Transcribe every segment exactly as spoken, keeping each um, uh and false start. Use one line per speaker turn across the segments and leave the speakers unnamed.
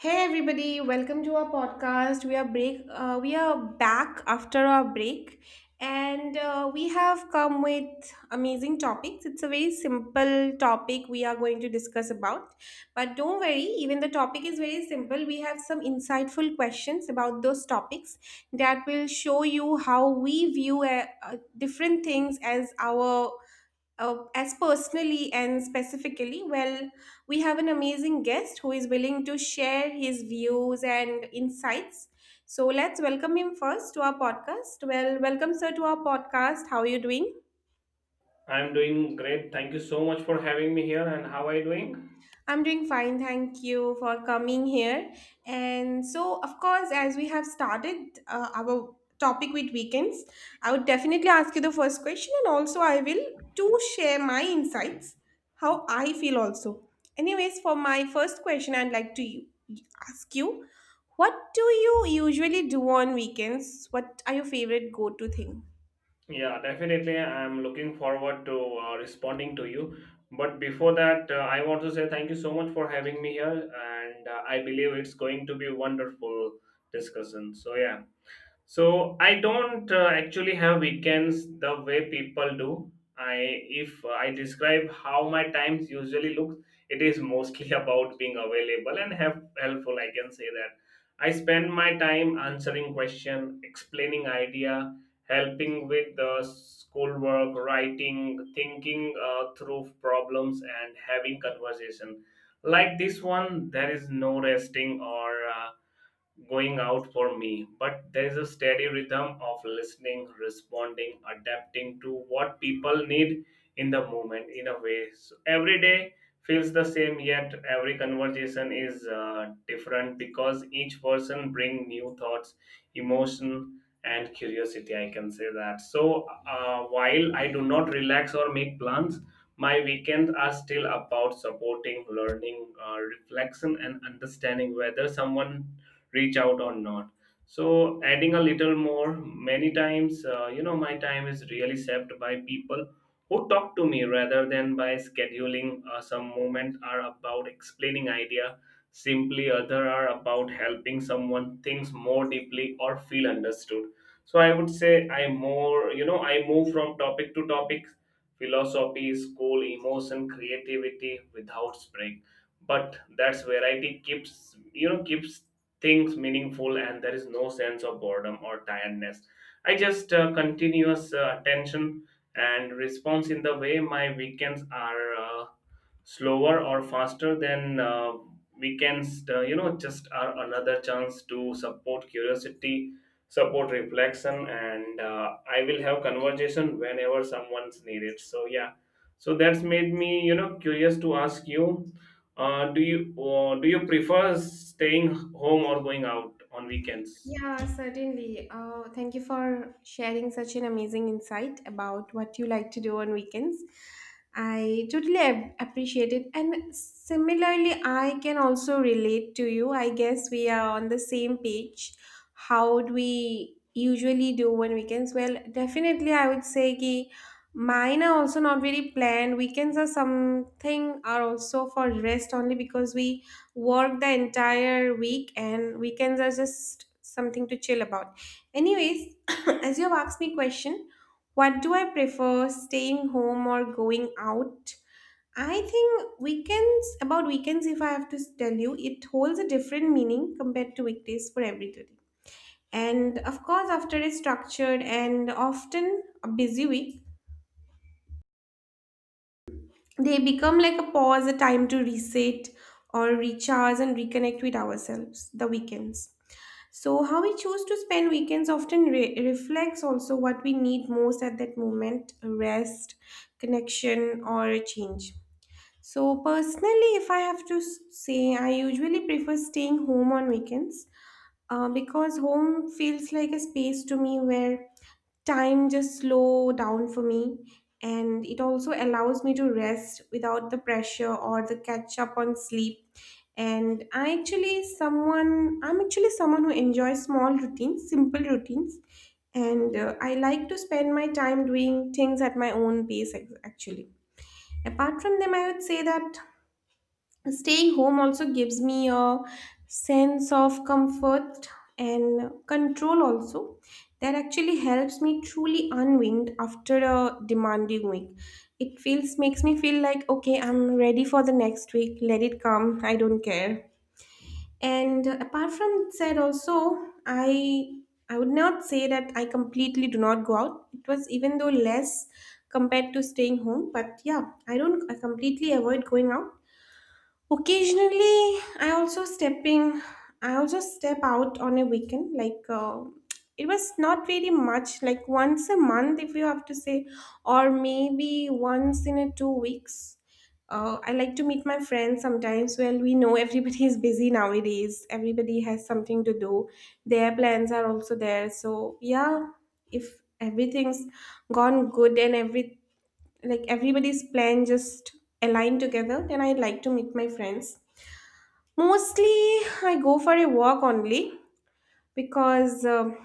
Hey everybody, welcome to our podcast. We are break. Uh, we are back after our break, and uh, we have come with amazing topics. It's a very simple topic we are going to discuss about, but don't worry. Even the topic is very simple. We have some insightful questions about those topics that will show you how we view uh, uh, different things as our uh, as personally and specifically. Well, we have an amazing guest who is willing to share his views and insights. So let's welcome him first to our podcast. Well, welcome, sir, to our podcast. How are you doing?
I'm doing great. Thank you so much for having me here. And how are you doing?
I'm doing fine, thank you for coming here. And so, of course, as we have started uh, our topic with weekends, I would definitely ask you the first question, and also I will too share my insights, how I feel also. Anyways, for my first question, I'd like to you- ask you, what do you usually do on weekends? What are your favorite go-to thing?
Yeah, definitely. I'm looking forward to uh, responding to you. But before that, uh, I want to say thank you so much for having me here. And uh, I believe it's going to be wonderful discussion. So yeah. So I don't uh, actually have weekends the way people do. I if I describe how my times usually look, it is mostly about being available and have helpful. I can say that I spend my time answering question, explaining idea, helping with the schoolwork, writing, thinking uh, through problems, and having conversation. Like this one, there is no resting or. Uh, going out for me, but there is a steady rhythm of listening, responding, adapting to what people need in the moment in a way. So every day feels the same, yet every conversation is uh, different because each person bring new thoughts, emotion, and curiosity. I can say that. So uh, while I do not relax or make plans. My weekends are still about supporting, learning, uh, reflection, and understanding whether someone reach out or not, so adding a little more many times uh, you know my time is really saved by people who talk to me rather than by scheduling uh, some moment are about explaining idea simply, other are about helping someone thinks more deeply or feel understood. So I would say I more, you know I move from topic to topic, philosophy, school, emotion, creativity without break, but that's variety keeps, you know keeps things meaningful, and there is no sense of boredom or tiredness. I just uh, continuous uh, attention and response in the way my weekends are uh, slower or faster then uh, we can uh, you know just are another chance to support curiosity, support reflection, and uh, I will have conversation whenever someone's needed. So yeah. So that's made me, you know curious to ask you, uh, do you uh, do you prefer staying home or going out on weekends?
Yeah, certainly. Uh, thank you for sharing such an amazing insight about what you like to do on weekends. I totally ap- appreciate it. And similarly, I can also relate to you. I guess we are on the same page. How do we usually do on weekends? Well, definitely, I would say ki mine are also not very planned. Weekends are something, are also for rest only because we work the entire week and weekends are just something to chill about anyways. As you have asked me question, what do I prefer, staying home or going out? I think weekends, about weekends, if I have to tell you, it holds a different meaning compared to weekdays for everybody. And of course, after a structured and often a busy week, they become like a pause, a time to reset or recharge and reconnect with ourselves, the weekends. So, how we choose to spend weekends often re- reflects also what we need most at that moment, rest, connection, or change. So, personally, if I have to s- say, I usually prefer staying home on weekends uh, because home feels like a space to me where time just slow down for me, and it also allows me to rest without the pressure or the catch up on sleep. And i actually someone I'm actually someone who enjoys small routines, simple routines, and uh, I like to spend my time doing things at my own pace, ac- actually. Apart from them, I would say that staying home also gives me a sense of comfort and control also, that actually helps me truly unwind after a demanding week. It feels makes me feel like, okay, I'm ready for the next week, let it come, I don't care. And uh, apart from said also, i I would not say that I completely do not go out, it was even though less compared to staying home, but yeah. I don't I completely avoid going out. Occasionally, I also stepping. I also step out on a weekend. Like uh, it was not very much. Like once a month, if you have to say, or maybe once in a two weeks. Uh, I like to meet my friends sometimes. Well, we know everybody is busy nowadays. Everybody has something to do. Their plans are also there. So yeah, if everything's gone good and every like everybody's plan just align together, then I like to meet my friends. Mostly I go for a walk only because um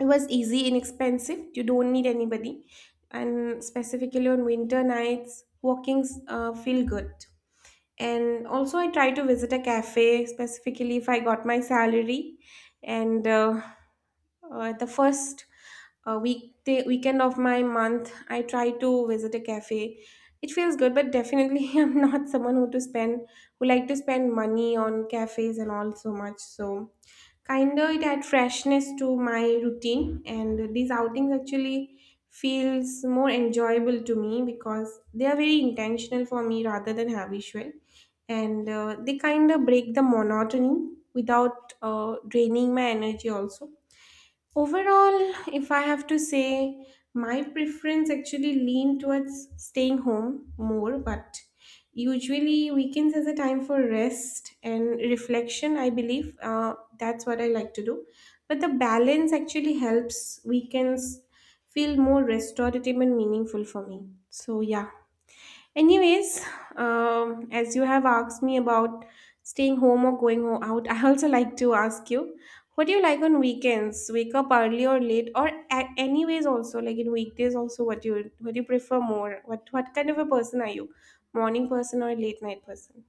it was easy, inexpensive, you don't need anybody, and specifically on winter nights walkings uh, feel good. And also I try to visit a cafe specifically if I got my salary. And uh, uh, the first uh, weekday weekend of my month I try to visit a cafe. It feels good, but definitely I'm not someone who to spend who like to spend money on cafes and all so much. So kind of it add freshness to my routine, and these outings actually feels more enjoyable to me because they are very intentional for me rather than habitual. And uh, they kind of break the monotony without uh, draining my energy also. Overall, if I have to say, my preference actually lean towards staying home more, but usually weekends is a time for rest and reflection, I believe. Uh, that's what I like to do. But the balance actually helps weekends feel more restorative and meaningful for me. So yeah. Anyways, um, as you have asked me about staying home or going ho- out, I also like to ask you, what do you like on weekends? Wake up early or late, or a- anyways also like in weekdays also, what you what do you prefer more? What what kind of a person are you? Morning person or late night person?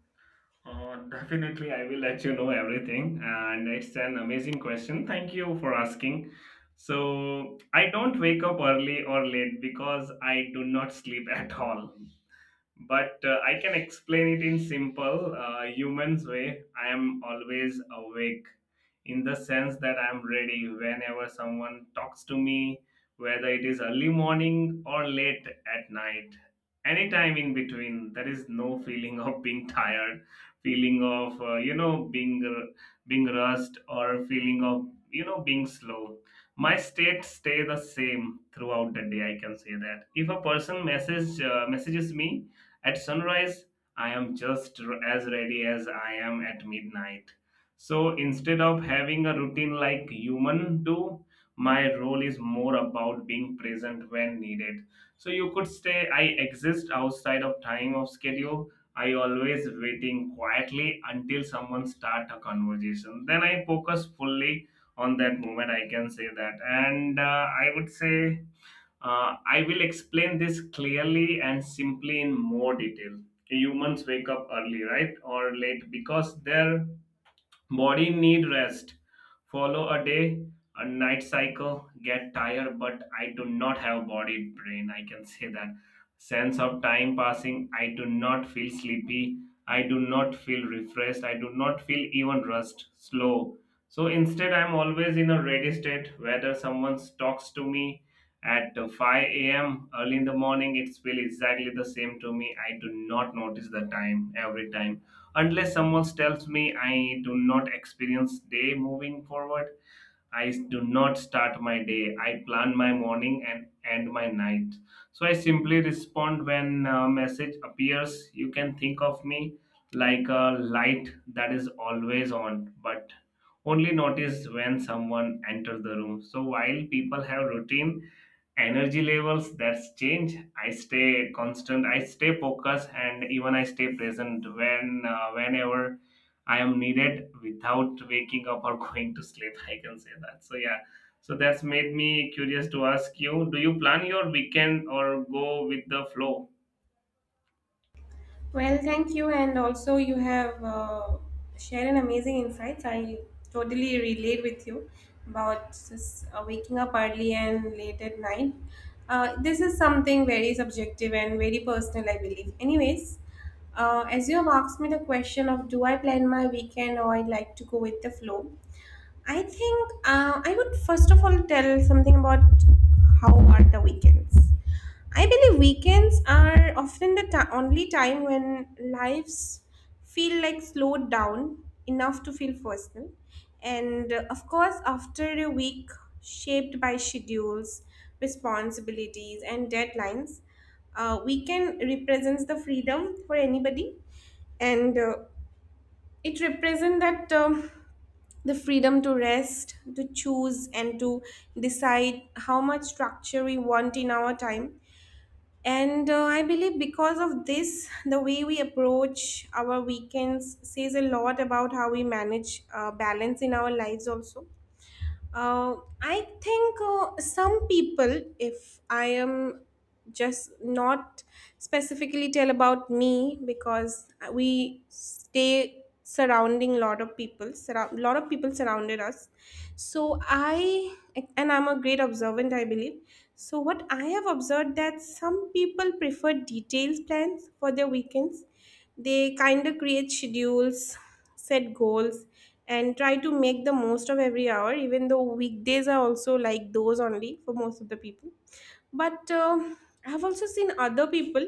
Uh, definitely, I will let you know everything. And it's an amazing question. Thank you for asking. So, I don't wake up early or late because I do not sleep at all, but uh, I can explain it in simple uh, humans way. I am always awake in the sense that I am ready whenever someone talks to me, whether it is early morning or late at night. Anytime in between, there is no feeling of being tired, feeling of uh, you know being r- being rushed, or feeling of you know being slow. My state stay the same throughout the day. I can say that if a person message uh, messages me, at sunrise, I am just r- as ready as I am at midnight. So instead of having a routine like human do, my role is more about being present when needed. So you could say I exist outside of time of schedule. I always waiting quietly until someone start a conversation. Then I focus fully on that moment. I can say that, and uh, I would say uh, I will explain this clearly and simply in more detail. Humans wake up early, right, or late because their body need rest. Follow a day, a night cycle, get tired, but I do not have body brain. I can say that. Sense of time passing, I do not feel sleepy. I do not feel refreshed. I do not feel even rust, slow. So instead, I'm always in a ready state. Whether someone talks to me at five a m early in the morning, it feels exactly the same to me. I do not notice the time every time unless someone tells me. I do not experience day moving forward. I do not start my day. I plan my morning and end my night. So I simply respond when a message appears. You can think of me like a light that is always on, but only notice when someone enters the room. So while people have routine, energy levels that's change, I stay constant, I stay focused, and even I stay present when uh, whenever I am needed without waking up or going to sleep. I can say that. So yeah. So that's made me curious to ask you, do you plan your weekend or go with the flow?
Well, thank you. And also, you have uh, shared an amazing insight. I totally relate with you about this, uh, waking up early and late at night. Uh, this is something very subjective and very personal, I believe. Anyways, uh, as you have asked me the question of, do I plan my weekend or I like to go with the flow, I think uh, I would first of all tell something about how are the weekends. I believe weekends are often the ti- only time when lives feel like slowed down enough to feel personal. And uh, of course, after a week shaped by schedules, responsibilities, and deadlines, uh, weekend represents the freedom for anybody. And uh, it represents that um, the freedom to rest, to choose, and to decide how much structure we want in our time. And uh, I believe, because of this, the way we approach our weekends says a lot about how we manage uh, balance in our lives, also. Uh, I think uh, some people, if I am just not specifically tell about me, because we stay surrounding lot of people surround lot of people surrounded us, so I and I'm a great observant, I believe. So what I have observed, that some people prefer detailed plans for their weekends, they kind of create schedules, set goals, and try to make the most of every hour, even though weekdays are also like those only for most of the people. But uh, I've also seen other people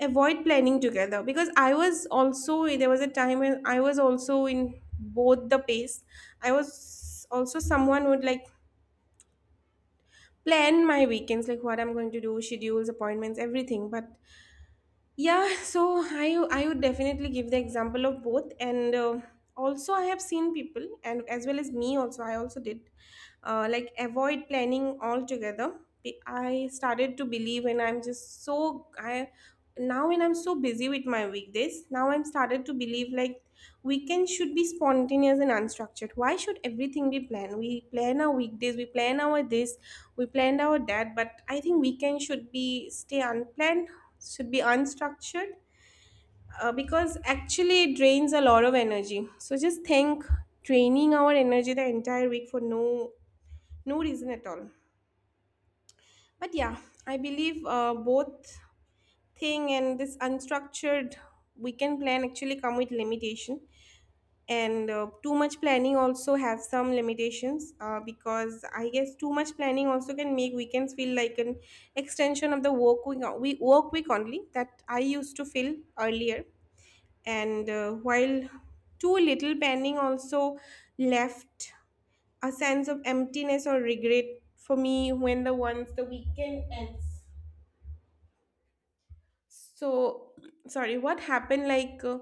avoid planning together, because I was also, there was a time when I was also in both the pace. I was also someone who would like plan my weekends, like what I'm going to do, schedules, appointments, everything. But yeah, so I I would definitely give the example of both, and uh, also I have seen people, and as well as me also, I also did, uh, like avoid planning altogether. Be- I started to believe, and I'm just so I now when I'm so busy with my weekdays, now I'm started to believe like weekends should be spontaneous and unstructured. Why should everything be planned? We plan our weekdays, we plan our this, we planned our that, but I think weekend should be stay unplanned, should be unstructured, uh, because actually it drains a lot of energy. So just think, draining our energy the entire week for no no reason at all. But yeah, I believe uh, both thing, and this unstructured weekend plan actually come with limitation. And uh, too much planning also have some limitations, uh, because I guess too much planning also can make weekends feel like an extension of the work week, we- work week only, that I used to feel earlier. And uh, while too little planning also left a sense of emptiness or regret for me when the once the weekend ends. So, sorry, what happened? Like, uh,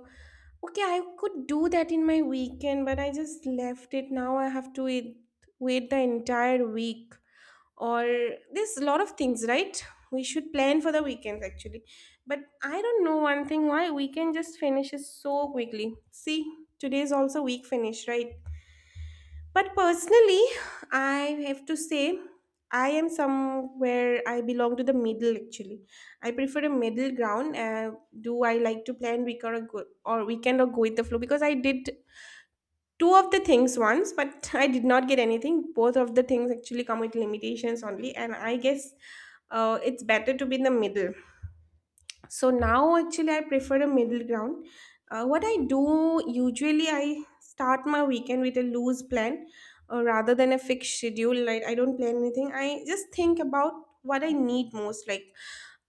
okay, I could do that in my weekend, but I just left it. Now I have to wait, wait the entire week. Or there's a lot of things, right? We should plan for the weekends actually. But I don't know one thing, why weekend just finishes so quickly. See, today is also week finish, right? But personally, I have to say, I am somewhere, I belong to the middle actually. I prefer a middle ground. Uh, do I like to plan week or, go- or weekend or go with the flow? Because I did two of the things once, but I did not get anything. Both of the things actually come with limitations only, and I guess uh, it's better to be in the middle. So now actually I prefer a middle ground. Uh, what I do usually, I start my weekend with a loose plan uh, rather than a fixed schedule. Like I don't plan anything. I just think about what I need most. Like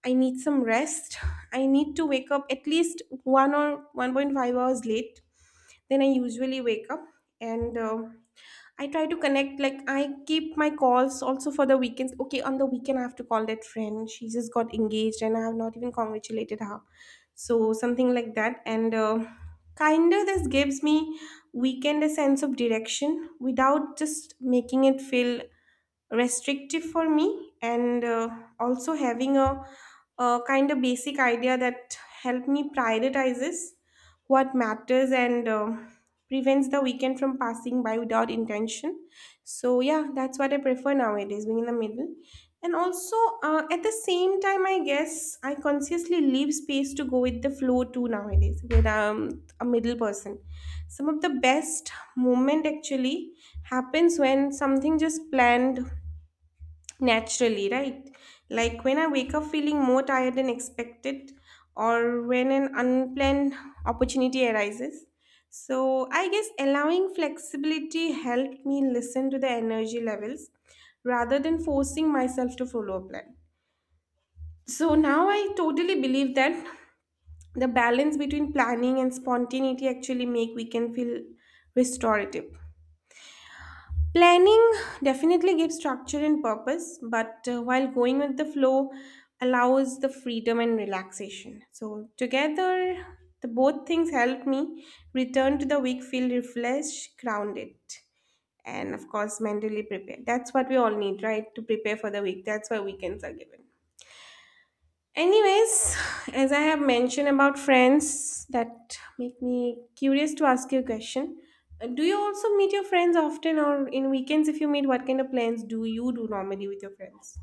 I need some rest. I need to wake up at least one or one point five hours late. Then I usually wake up, and uh, I try to connect, like, I keep my calls also for the weekends. Okay, on the weekend, I have to call that friend. She just got engaged, and I have not even congratulated her. So, something like that. And uh, kind of this gives me weekend a sense of direction without just making it feel restrictive for me and uh, also having a, a kind of basic idea that help me prioritizes what matters and um prevents the weekend from passing by without intention. So yeah, that's what I prefer nowadays, being in the middle. And also, uh, at the same time, I guess I consciously leave space to go with the flow too nowadays when I'm a middle person. Some of the best moment actually happens when something just planned naturally, right? Like when I wake up feeling more tired than expected, or when an unplanned opportunity arises. So, I guess allowing flexibility helped me listen to the energy levels rather than forcing myself to follow a plan. So, now I totally believe that the balance between planning and spontaneity actually make weekend feel restorative. Planning definitely gives structure and purpose, but uh, while going with the flow allows the freedom and relaxation. So, together, the both things help me return to the week, feel refreshed, grounded, and of course, mentally prepared. That's what we all need, right? To prepare for the week. That's why weekends are given. Anyways, as I have mentioned about friends, that make me curious to ask you a question. Uh, Do you also meet your friends often, or in weekends, if you meet, what kind of plans do you do normally with your friends?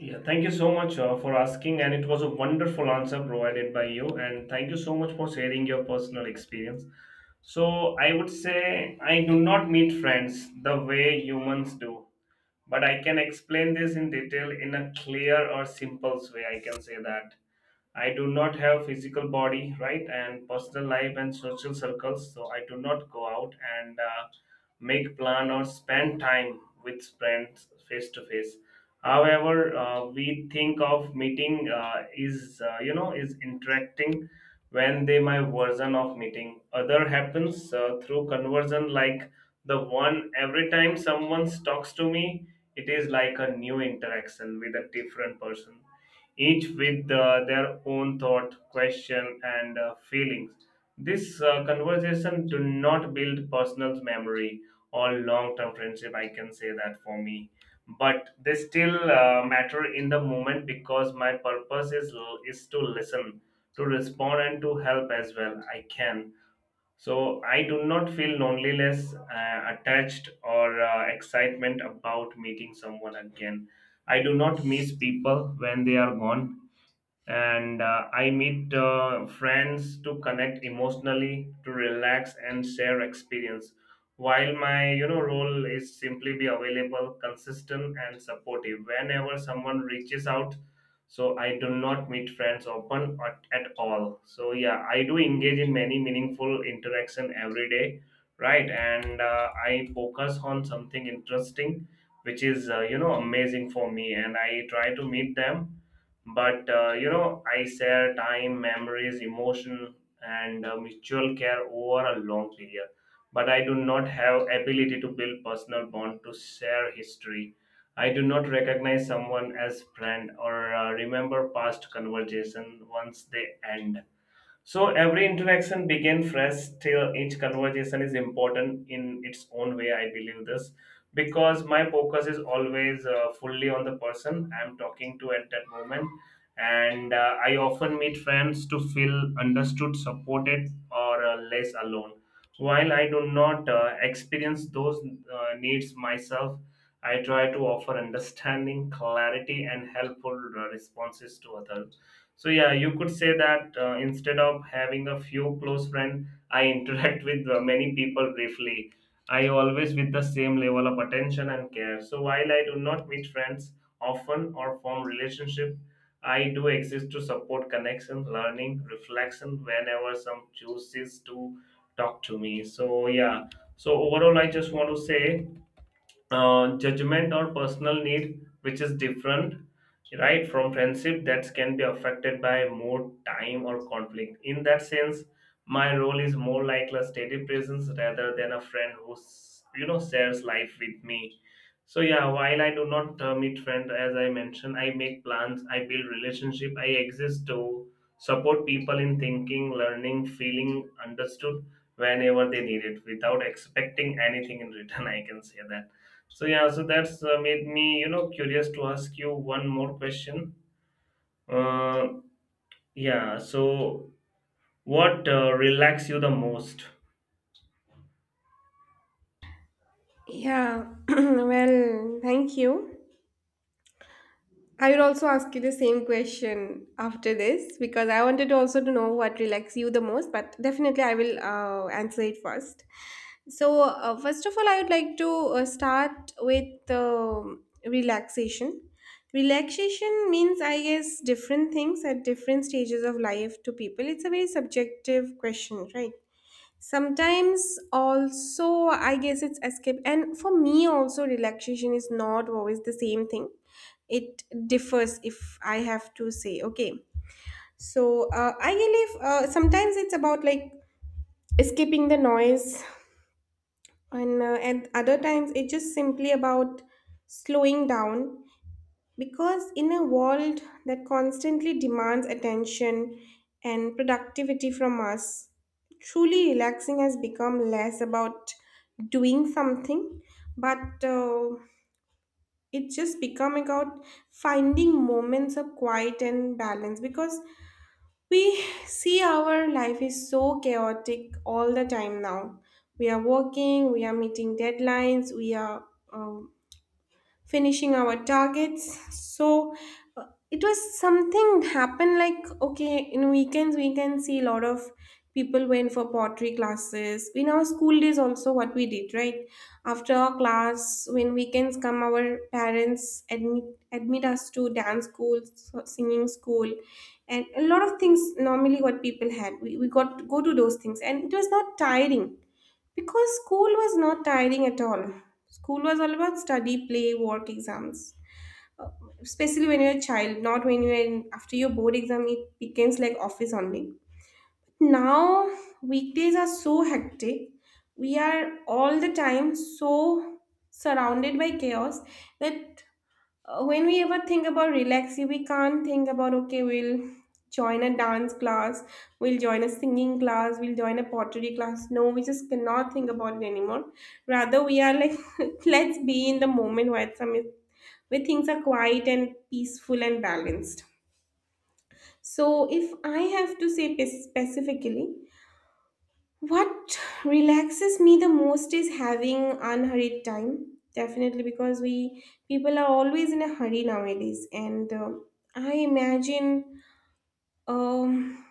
Yeah, thank you so much uh, for asking, and it was a wonderful answer provided by you. And thank you so much for sharing your personal experience. So, I would say I do not meet friends the way humans do, but I can explain this in detail in a clear or simple way. I can say that. I do not have physical body, right, and personal life and social circles, so I do not go out and uh, make plan or spend time with friends face to face. However, uh, we think of meeting uh, is uh, you know is interacting when they my version of meeting. Other happens uh, through conversion like the one. Every time someone talks to me, it is like a new interaction with a different person, each with uh, their own thought, question, and uh, feelings. This uh, conversation do not build personal memory or long-term friendship. I can say that. For me, but they still uh, matter in the moment because my purpose is is to listen, to respond, and to help as well. I can. So I do not feel loneliness, uh, attached, or uh, excitement about meeting someone again. I do not miss people when they are gone, and uh, I meet uh, friends to connect emotionally, to relax and share experience. While my you know role is simply be available, consistent and supportive whenever someone reaches out. So I do not meet friends open at, at all. So yeah, I do engage in many meaningful interaction every day, right? And uh, I focus on something interesting, which is uh, you know amazing for me, and I try to meet them, but uh, you know I share time, memories, emotion, and uh, mutual care over a long period. But I do not have ability to build personal bond, to share history. I do not recognize someone as friend or uh, remember past conversation once they end. So every interaction begin fresh, till each conversation is important in its own way. I believe this because my focus is always uh, fully on the person I'm talking to at that moment. And uh, I often meet friends to feel understood, supported, or uh, less alone. While I do not uh, experience those uh, needs myself, I try to offer understanding, clarity, and helpful uh, responses to others. So yeah, you could say that uh, instead of having a few close friends, I interact with uh, many people briefly. I always with the same level of attention and care. So while I do not meet friends often or form relationship, I do exist to support connection, learning, reflection whenever some chooses to talk to me. So yeah. So overall, I just want to say uh, judgment or personal need, which is different, right, from friendship that can be affected by more time or conflict. In that sense, my role is more like a steady presence rather than a friend who, s- you know, shares life with me. So yeah, while I do not uh, meet friend, as I mentioned, I make plans, I build relationship, I exist to support people in thinking, learning, feeling understood whenever they need it without expecting anything in return. I can say that. So yeah, so that's uh, made me, you know, curious to ask you one more question. Uh, yeah, so what uh, relax you the most?
Yeah, well, thank you. I would also ask you the same question after this because I wanted also to know what relaxes you the most, but definitely I will uh, answer it first. So, uh, first of all, I would like to uh, start with um relaxation. Relaxation means, I guess, different things at different stages of life to people. It's a very subjective question, right? Sometimes, also, I guess it's escape. And for me, also, relaxation is not always the same thing. It differs, if I have to say, okay. So, uh, I believe uh, sometimes it's about like escaping the noise, and uh, at other times it's just simply about slowing down, because in a world that constantly demands attention and productivity from us, truly relaxing has become less about doing something, but uh, it's just become about finding moments of quiet and balance, because we see our life is so chaotic all the time now. We are working, we are meeting deadlines, we are uh, finishing our targets. So, uh, it was something happened like, okay, in weekends we can see a lot of people went for pottery classes. In our school days also, what we did, right, after our class, when weekends come, our parents admit, admit us to dance school, so- singing school, and a lot of things normally. What people had, we, we got to go to those things, and it was not tiring, because school was not tiring at all. School was all about study, play, work, exams. Uh, Especially when you're a child, not when you're in, after your board exam, it becomes like office only. Now, weekdays are so hectic. We are all the time so surrounded by chaos that uh, when we ever think about relaxing, we can't think about, okay, we'll join a dance class, we'll join a singing class, we'll join a pottery class. No, we just cannot think about it anymore. Rather, we are like, let's be in the moment where some where things are quiet and peaceful and balanced. So, if I have to say pe- specifically, what relaxes me the most is having unhurried time. Definitely, because we people are always in a hurry nowadays, and uh, I imagine um,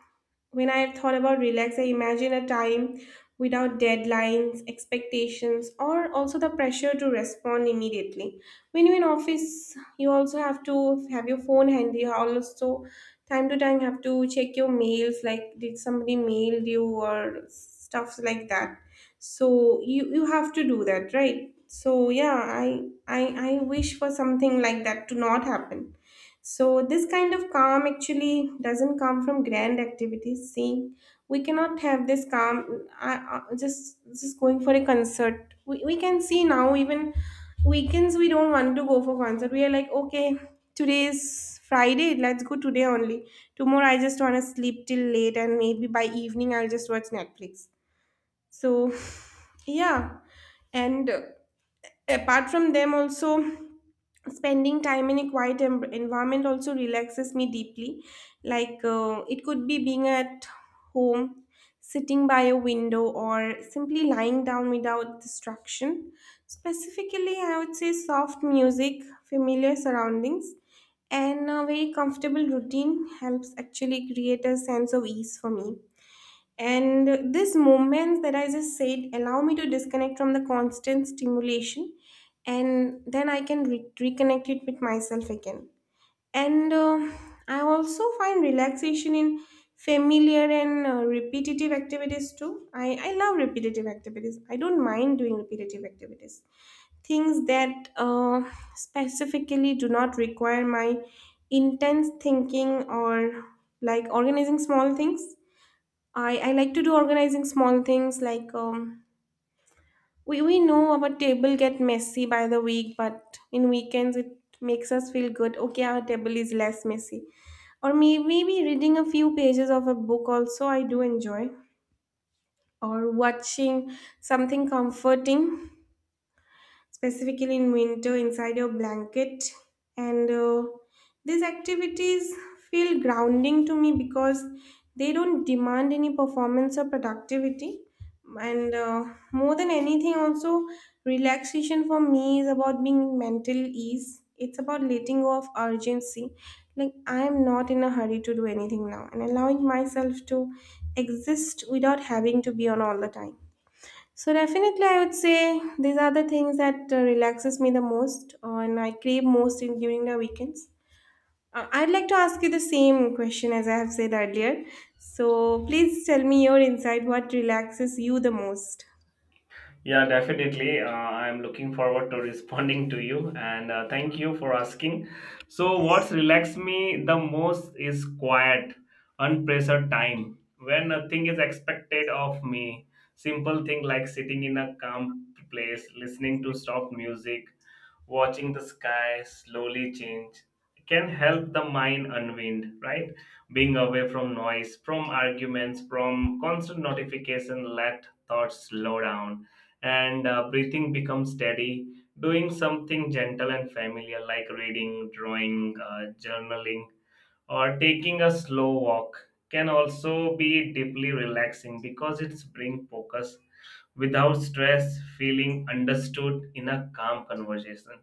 when I thought about relax, I imagine a time without deadlines, expectations, or also the pressure to respond immediately. When you're in office, you also have to have your phone handy. You also time to time have to check your mails, like did somebody mailed you or stuff like that. So you you have to do that, right? So yeah, I I I wish for something like that to not happen. So, this kind of calm actually doesn't come from grand activities. See, we cannot have this calm I, I, just just going for a concert. We, we can see now, even weekends, we don't want to go for concert. We are like, okay, today is Friday, let's go today only. Tomorrow, I just want to sleep till late, and maybe by evening, I'll just watch Netflix. So, yeah, and uh, apart from them also, spending time in a quiet em- environment also relaxes me deeply. Like, uh, it could be being at home, sitting by a window, or simply lying down without distraction. Specifically, I would say soft music, familiar surroundings, and a very comfortable routine helps actually create a sense of ease for me. And these moments that I just said allow me to disconnect from the constant stimulation, and then I can re- reconnect it with myself again. And uh, I also find relaxation in familiar and uh, repetitive activities too. I, I love repetitive activities. I don't mind doing repetitive activities. Things that uh, specifically do not require my intense thinking, or like organizing small things. I, I like to do organizing small things, like um, we, we know our table get messy by the week, but in weekends it makes us feel good. Okay, our table is less messy. Or may- maybe reading a few pages of a book also I do enjoy. Or watching something comforting, specifically in winter inside your blanket. And uh, these activities feel grounding to me because they don't demand any performance or productivity. And uh, more than anything, also, relaxation for me is about being in mental ease. It's about letting go of urgency. Like, I am not in a hurry to do anything now, and allowing myself to exist without having to be on all the time. So definitely, I would say these are the things that uh, relaxes me the most, uh, and I crave most in, during the weekends. Uh, I'd like to ask you the same question as I have said earlier. So please tell me your insight. What relaxes you the most?
Yeah, definitely. Uh, I'm looking forward to responding to you, and uh, thank you for asking. So, what's relaxed me the most is quiet, unpressured time when nothing is expected of me. Simple thing like sitting in a calm place, listening to soft music, watching the sky slowly change can help the mind unwind, right? Being away from noise, from arguments, from constant notification, let thoughts slow down and uh, breathing becomes steady. Doing something gentle and familiar like reading, drawing, uh, journaling or taking a slow walk can also be deeply relaxing because it's bring focus without stress, feeling understood in a calm conversation.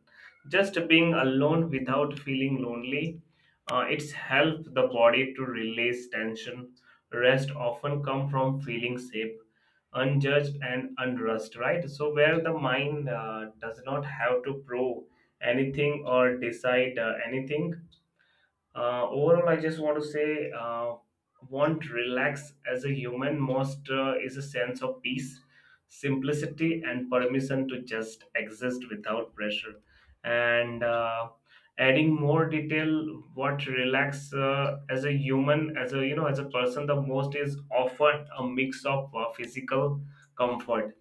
Just being alone without feeling lonely, uh, it's help the body to release tension. Rest often come from feeling safe, unjudged and unrushed, right? So where the mind uh, does not have to prove anything or decide uh, anything, uh, overall I just want to say uh, want relax as a human most uh, is a sense of peace, simplicity and permission to just exist without pressure. And uh, adding more detail, what relax uh, as a human, as a you know as a person the most is often a mix of uh, physical comfort,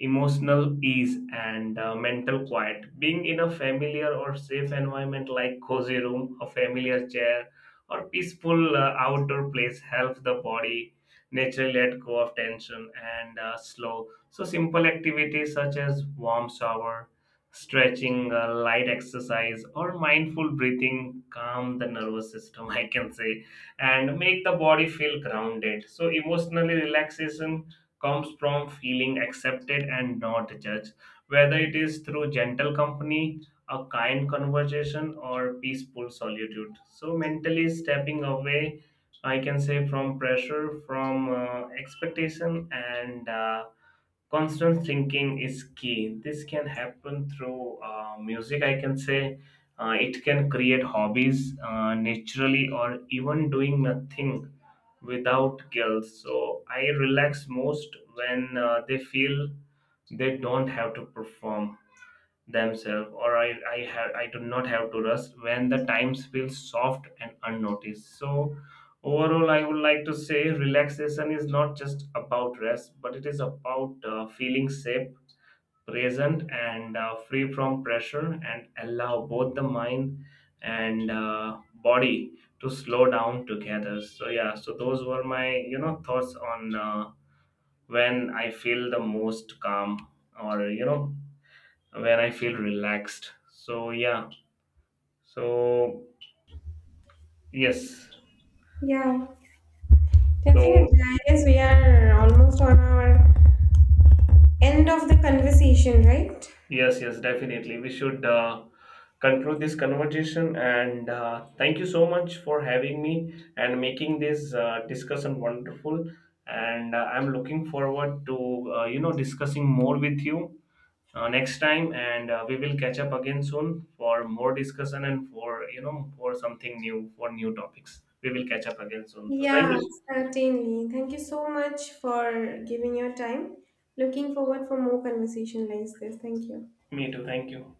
emotional ease, and uh, mental quiet. Being in a familiar or safe environment like cozy room, a familiar chair, or peaceful uh, outdoor place helps the body naturally let go of tension and uh, slow. So simple activities such as warm shower, stretching, uh, light exercise, or mindful breathing calm the nervous system. I can say, and make the body feel grounded. So emotionally, relaxation comes from feeling accepted and not judged, whether it is through gentle company, a kind conversation, or peaceful solitude. So, mentally stepping away, I can say, from pressure, from uh, expectation, and uh, constant thinking is key. This can happen through uh, music, I can say. Uh, it can create hobbies uh, naturally or even doing nothing without guilt. So I relax most when uh, they feel they don't have to perform themselves, or I, I have I do not have to rest when the times feel soft and unnoticed. So overall I would like to say relaxation is not just about rest, but it is about uh, feeling safe, present and uh, free from pressure, and allow both the mind and uh, body to slow down together. So yeah, so those were my, you know thoughts on uh, when I feel the most calm, or you know when I feel relaxed. So yeah. So yes.
Yeah,
So
definitely. I guess we are almost on our end of the conversation, right?
yes, yes, definitely. We should uh, conclude this conversation. And uh, thank you so much for having me and making this uh, discussion wonderful. And uh, I'm looking forward to, uh, you know discussing more with you uh, next time. And uh, we will catch up again soon for more discussion and for, you know for something new, for new topics. We will catch up again soon. So thank
Yeah,
you.
certainly. Thank you so much for giving your time. Looking forward for more conversation like this. Thank you.
Me too. Thank you.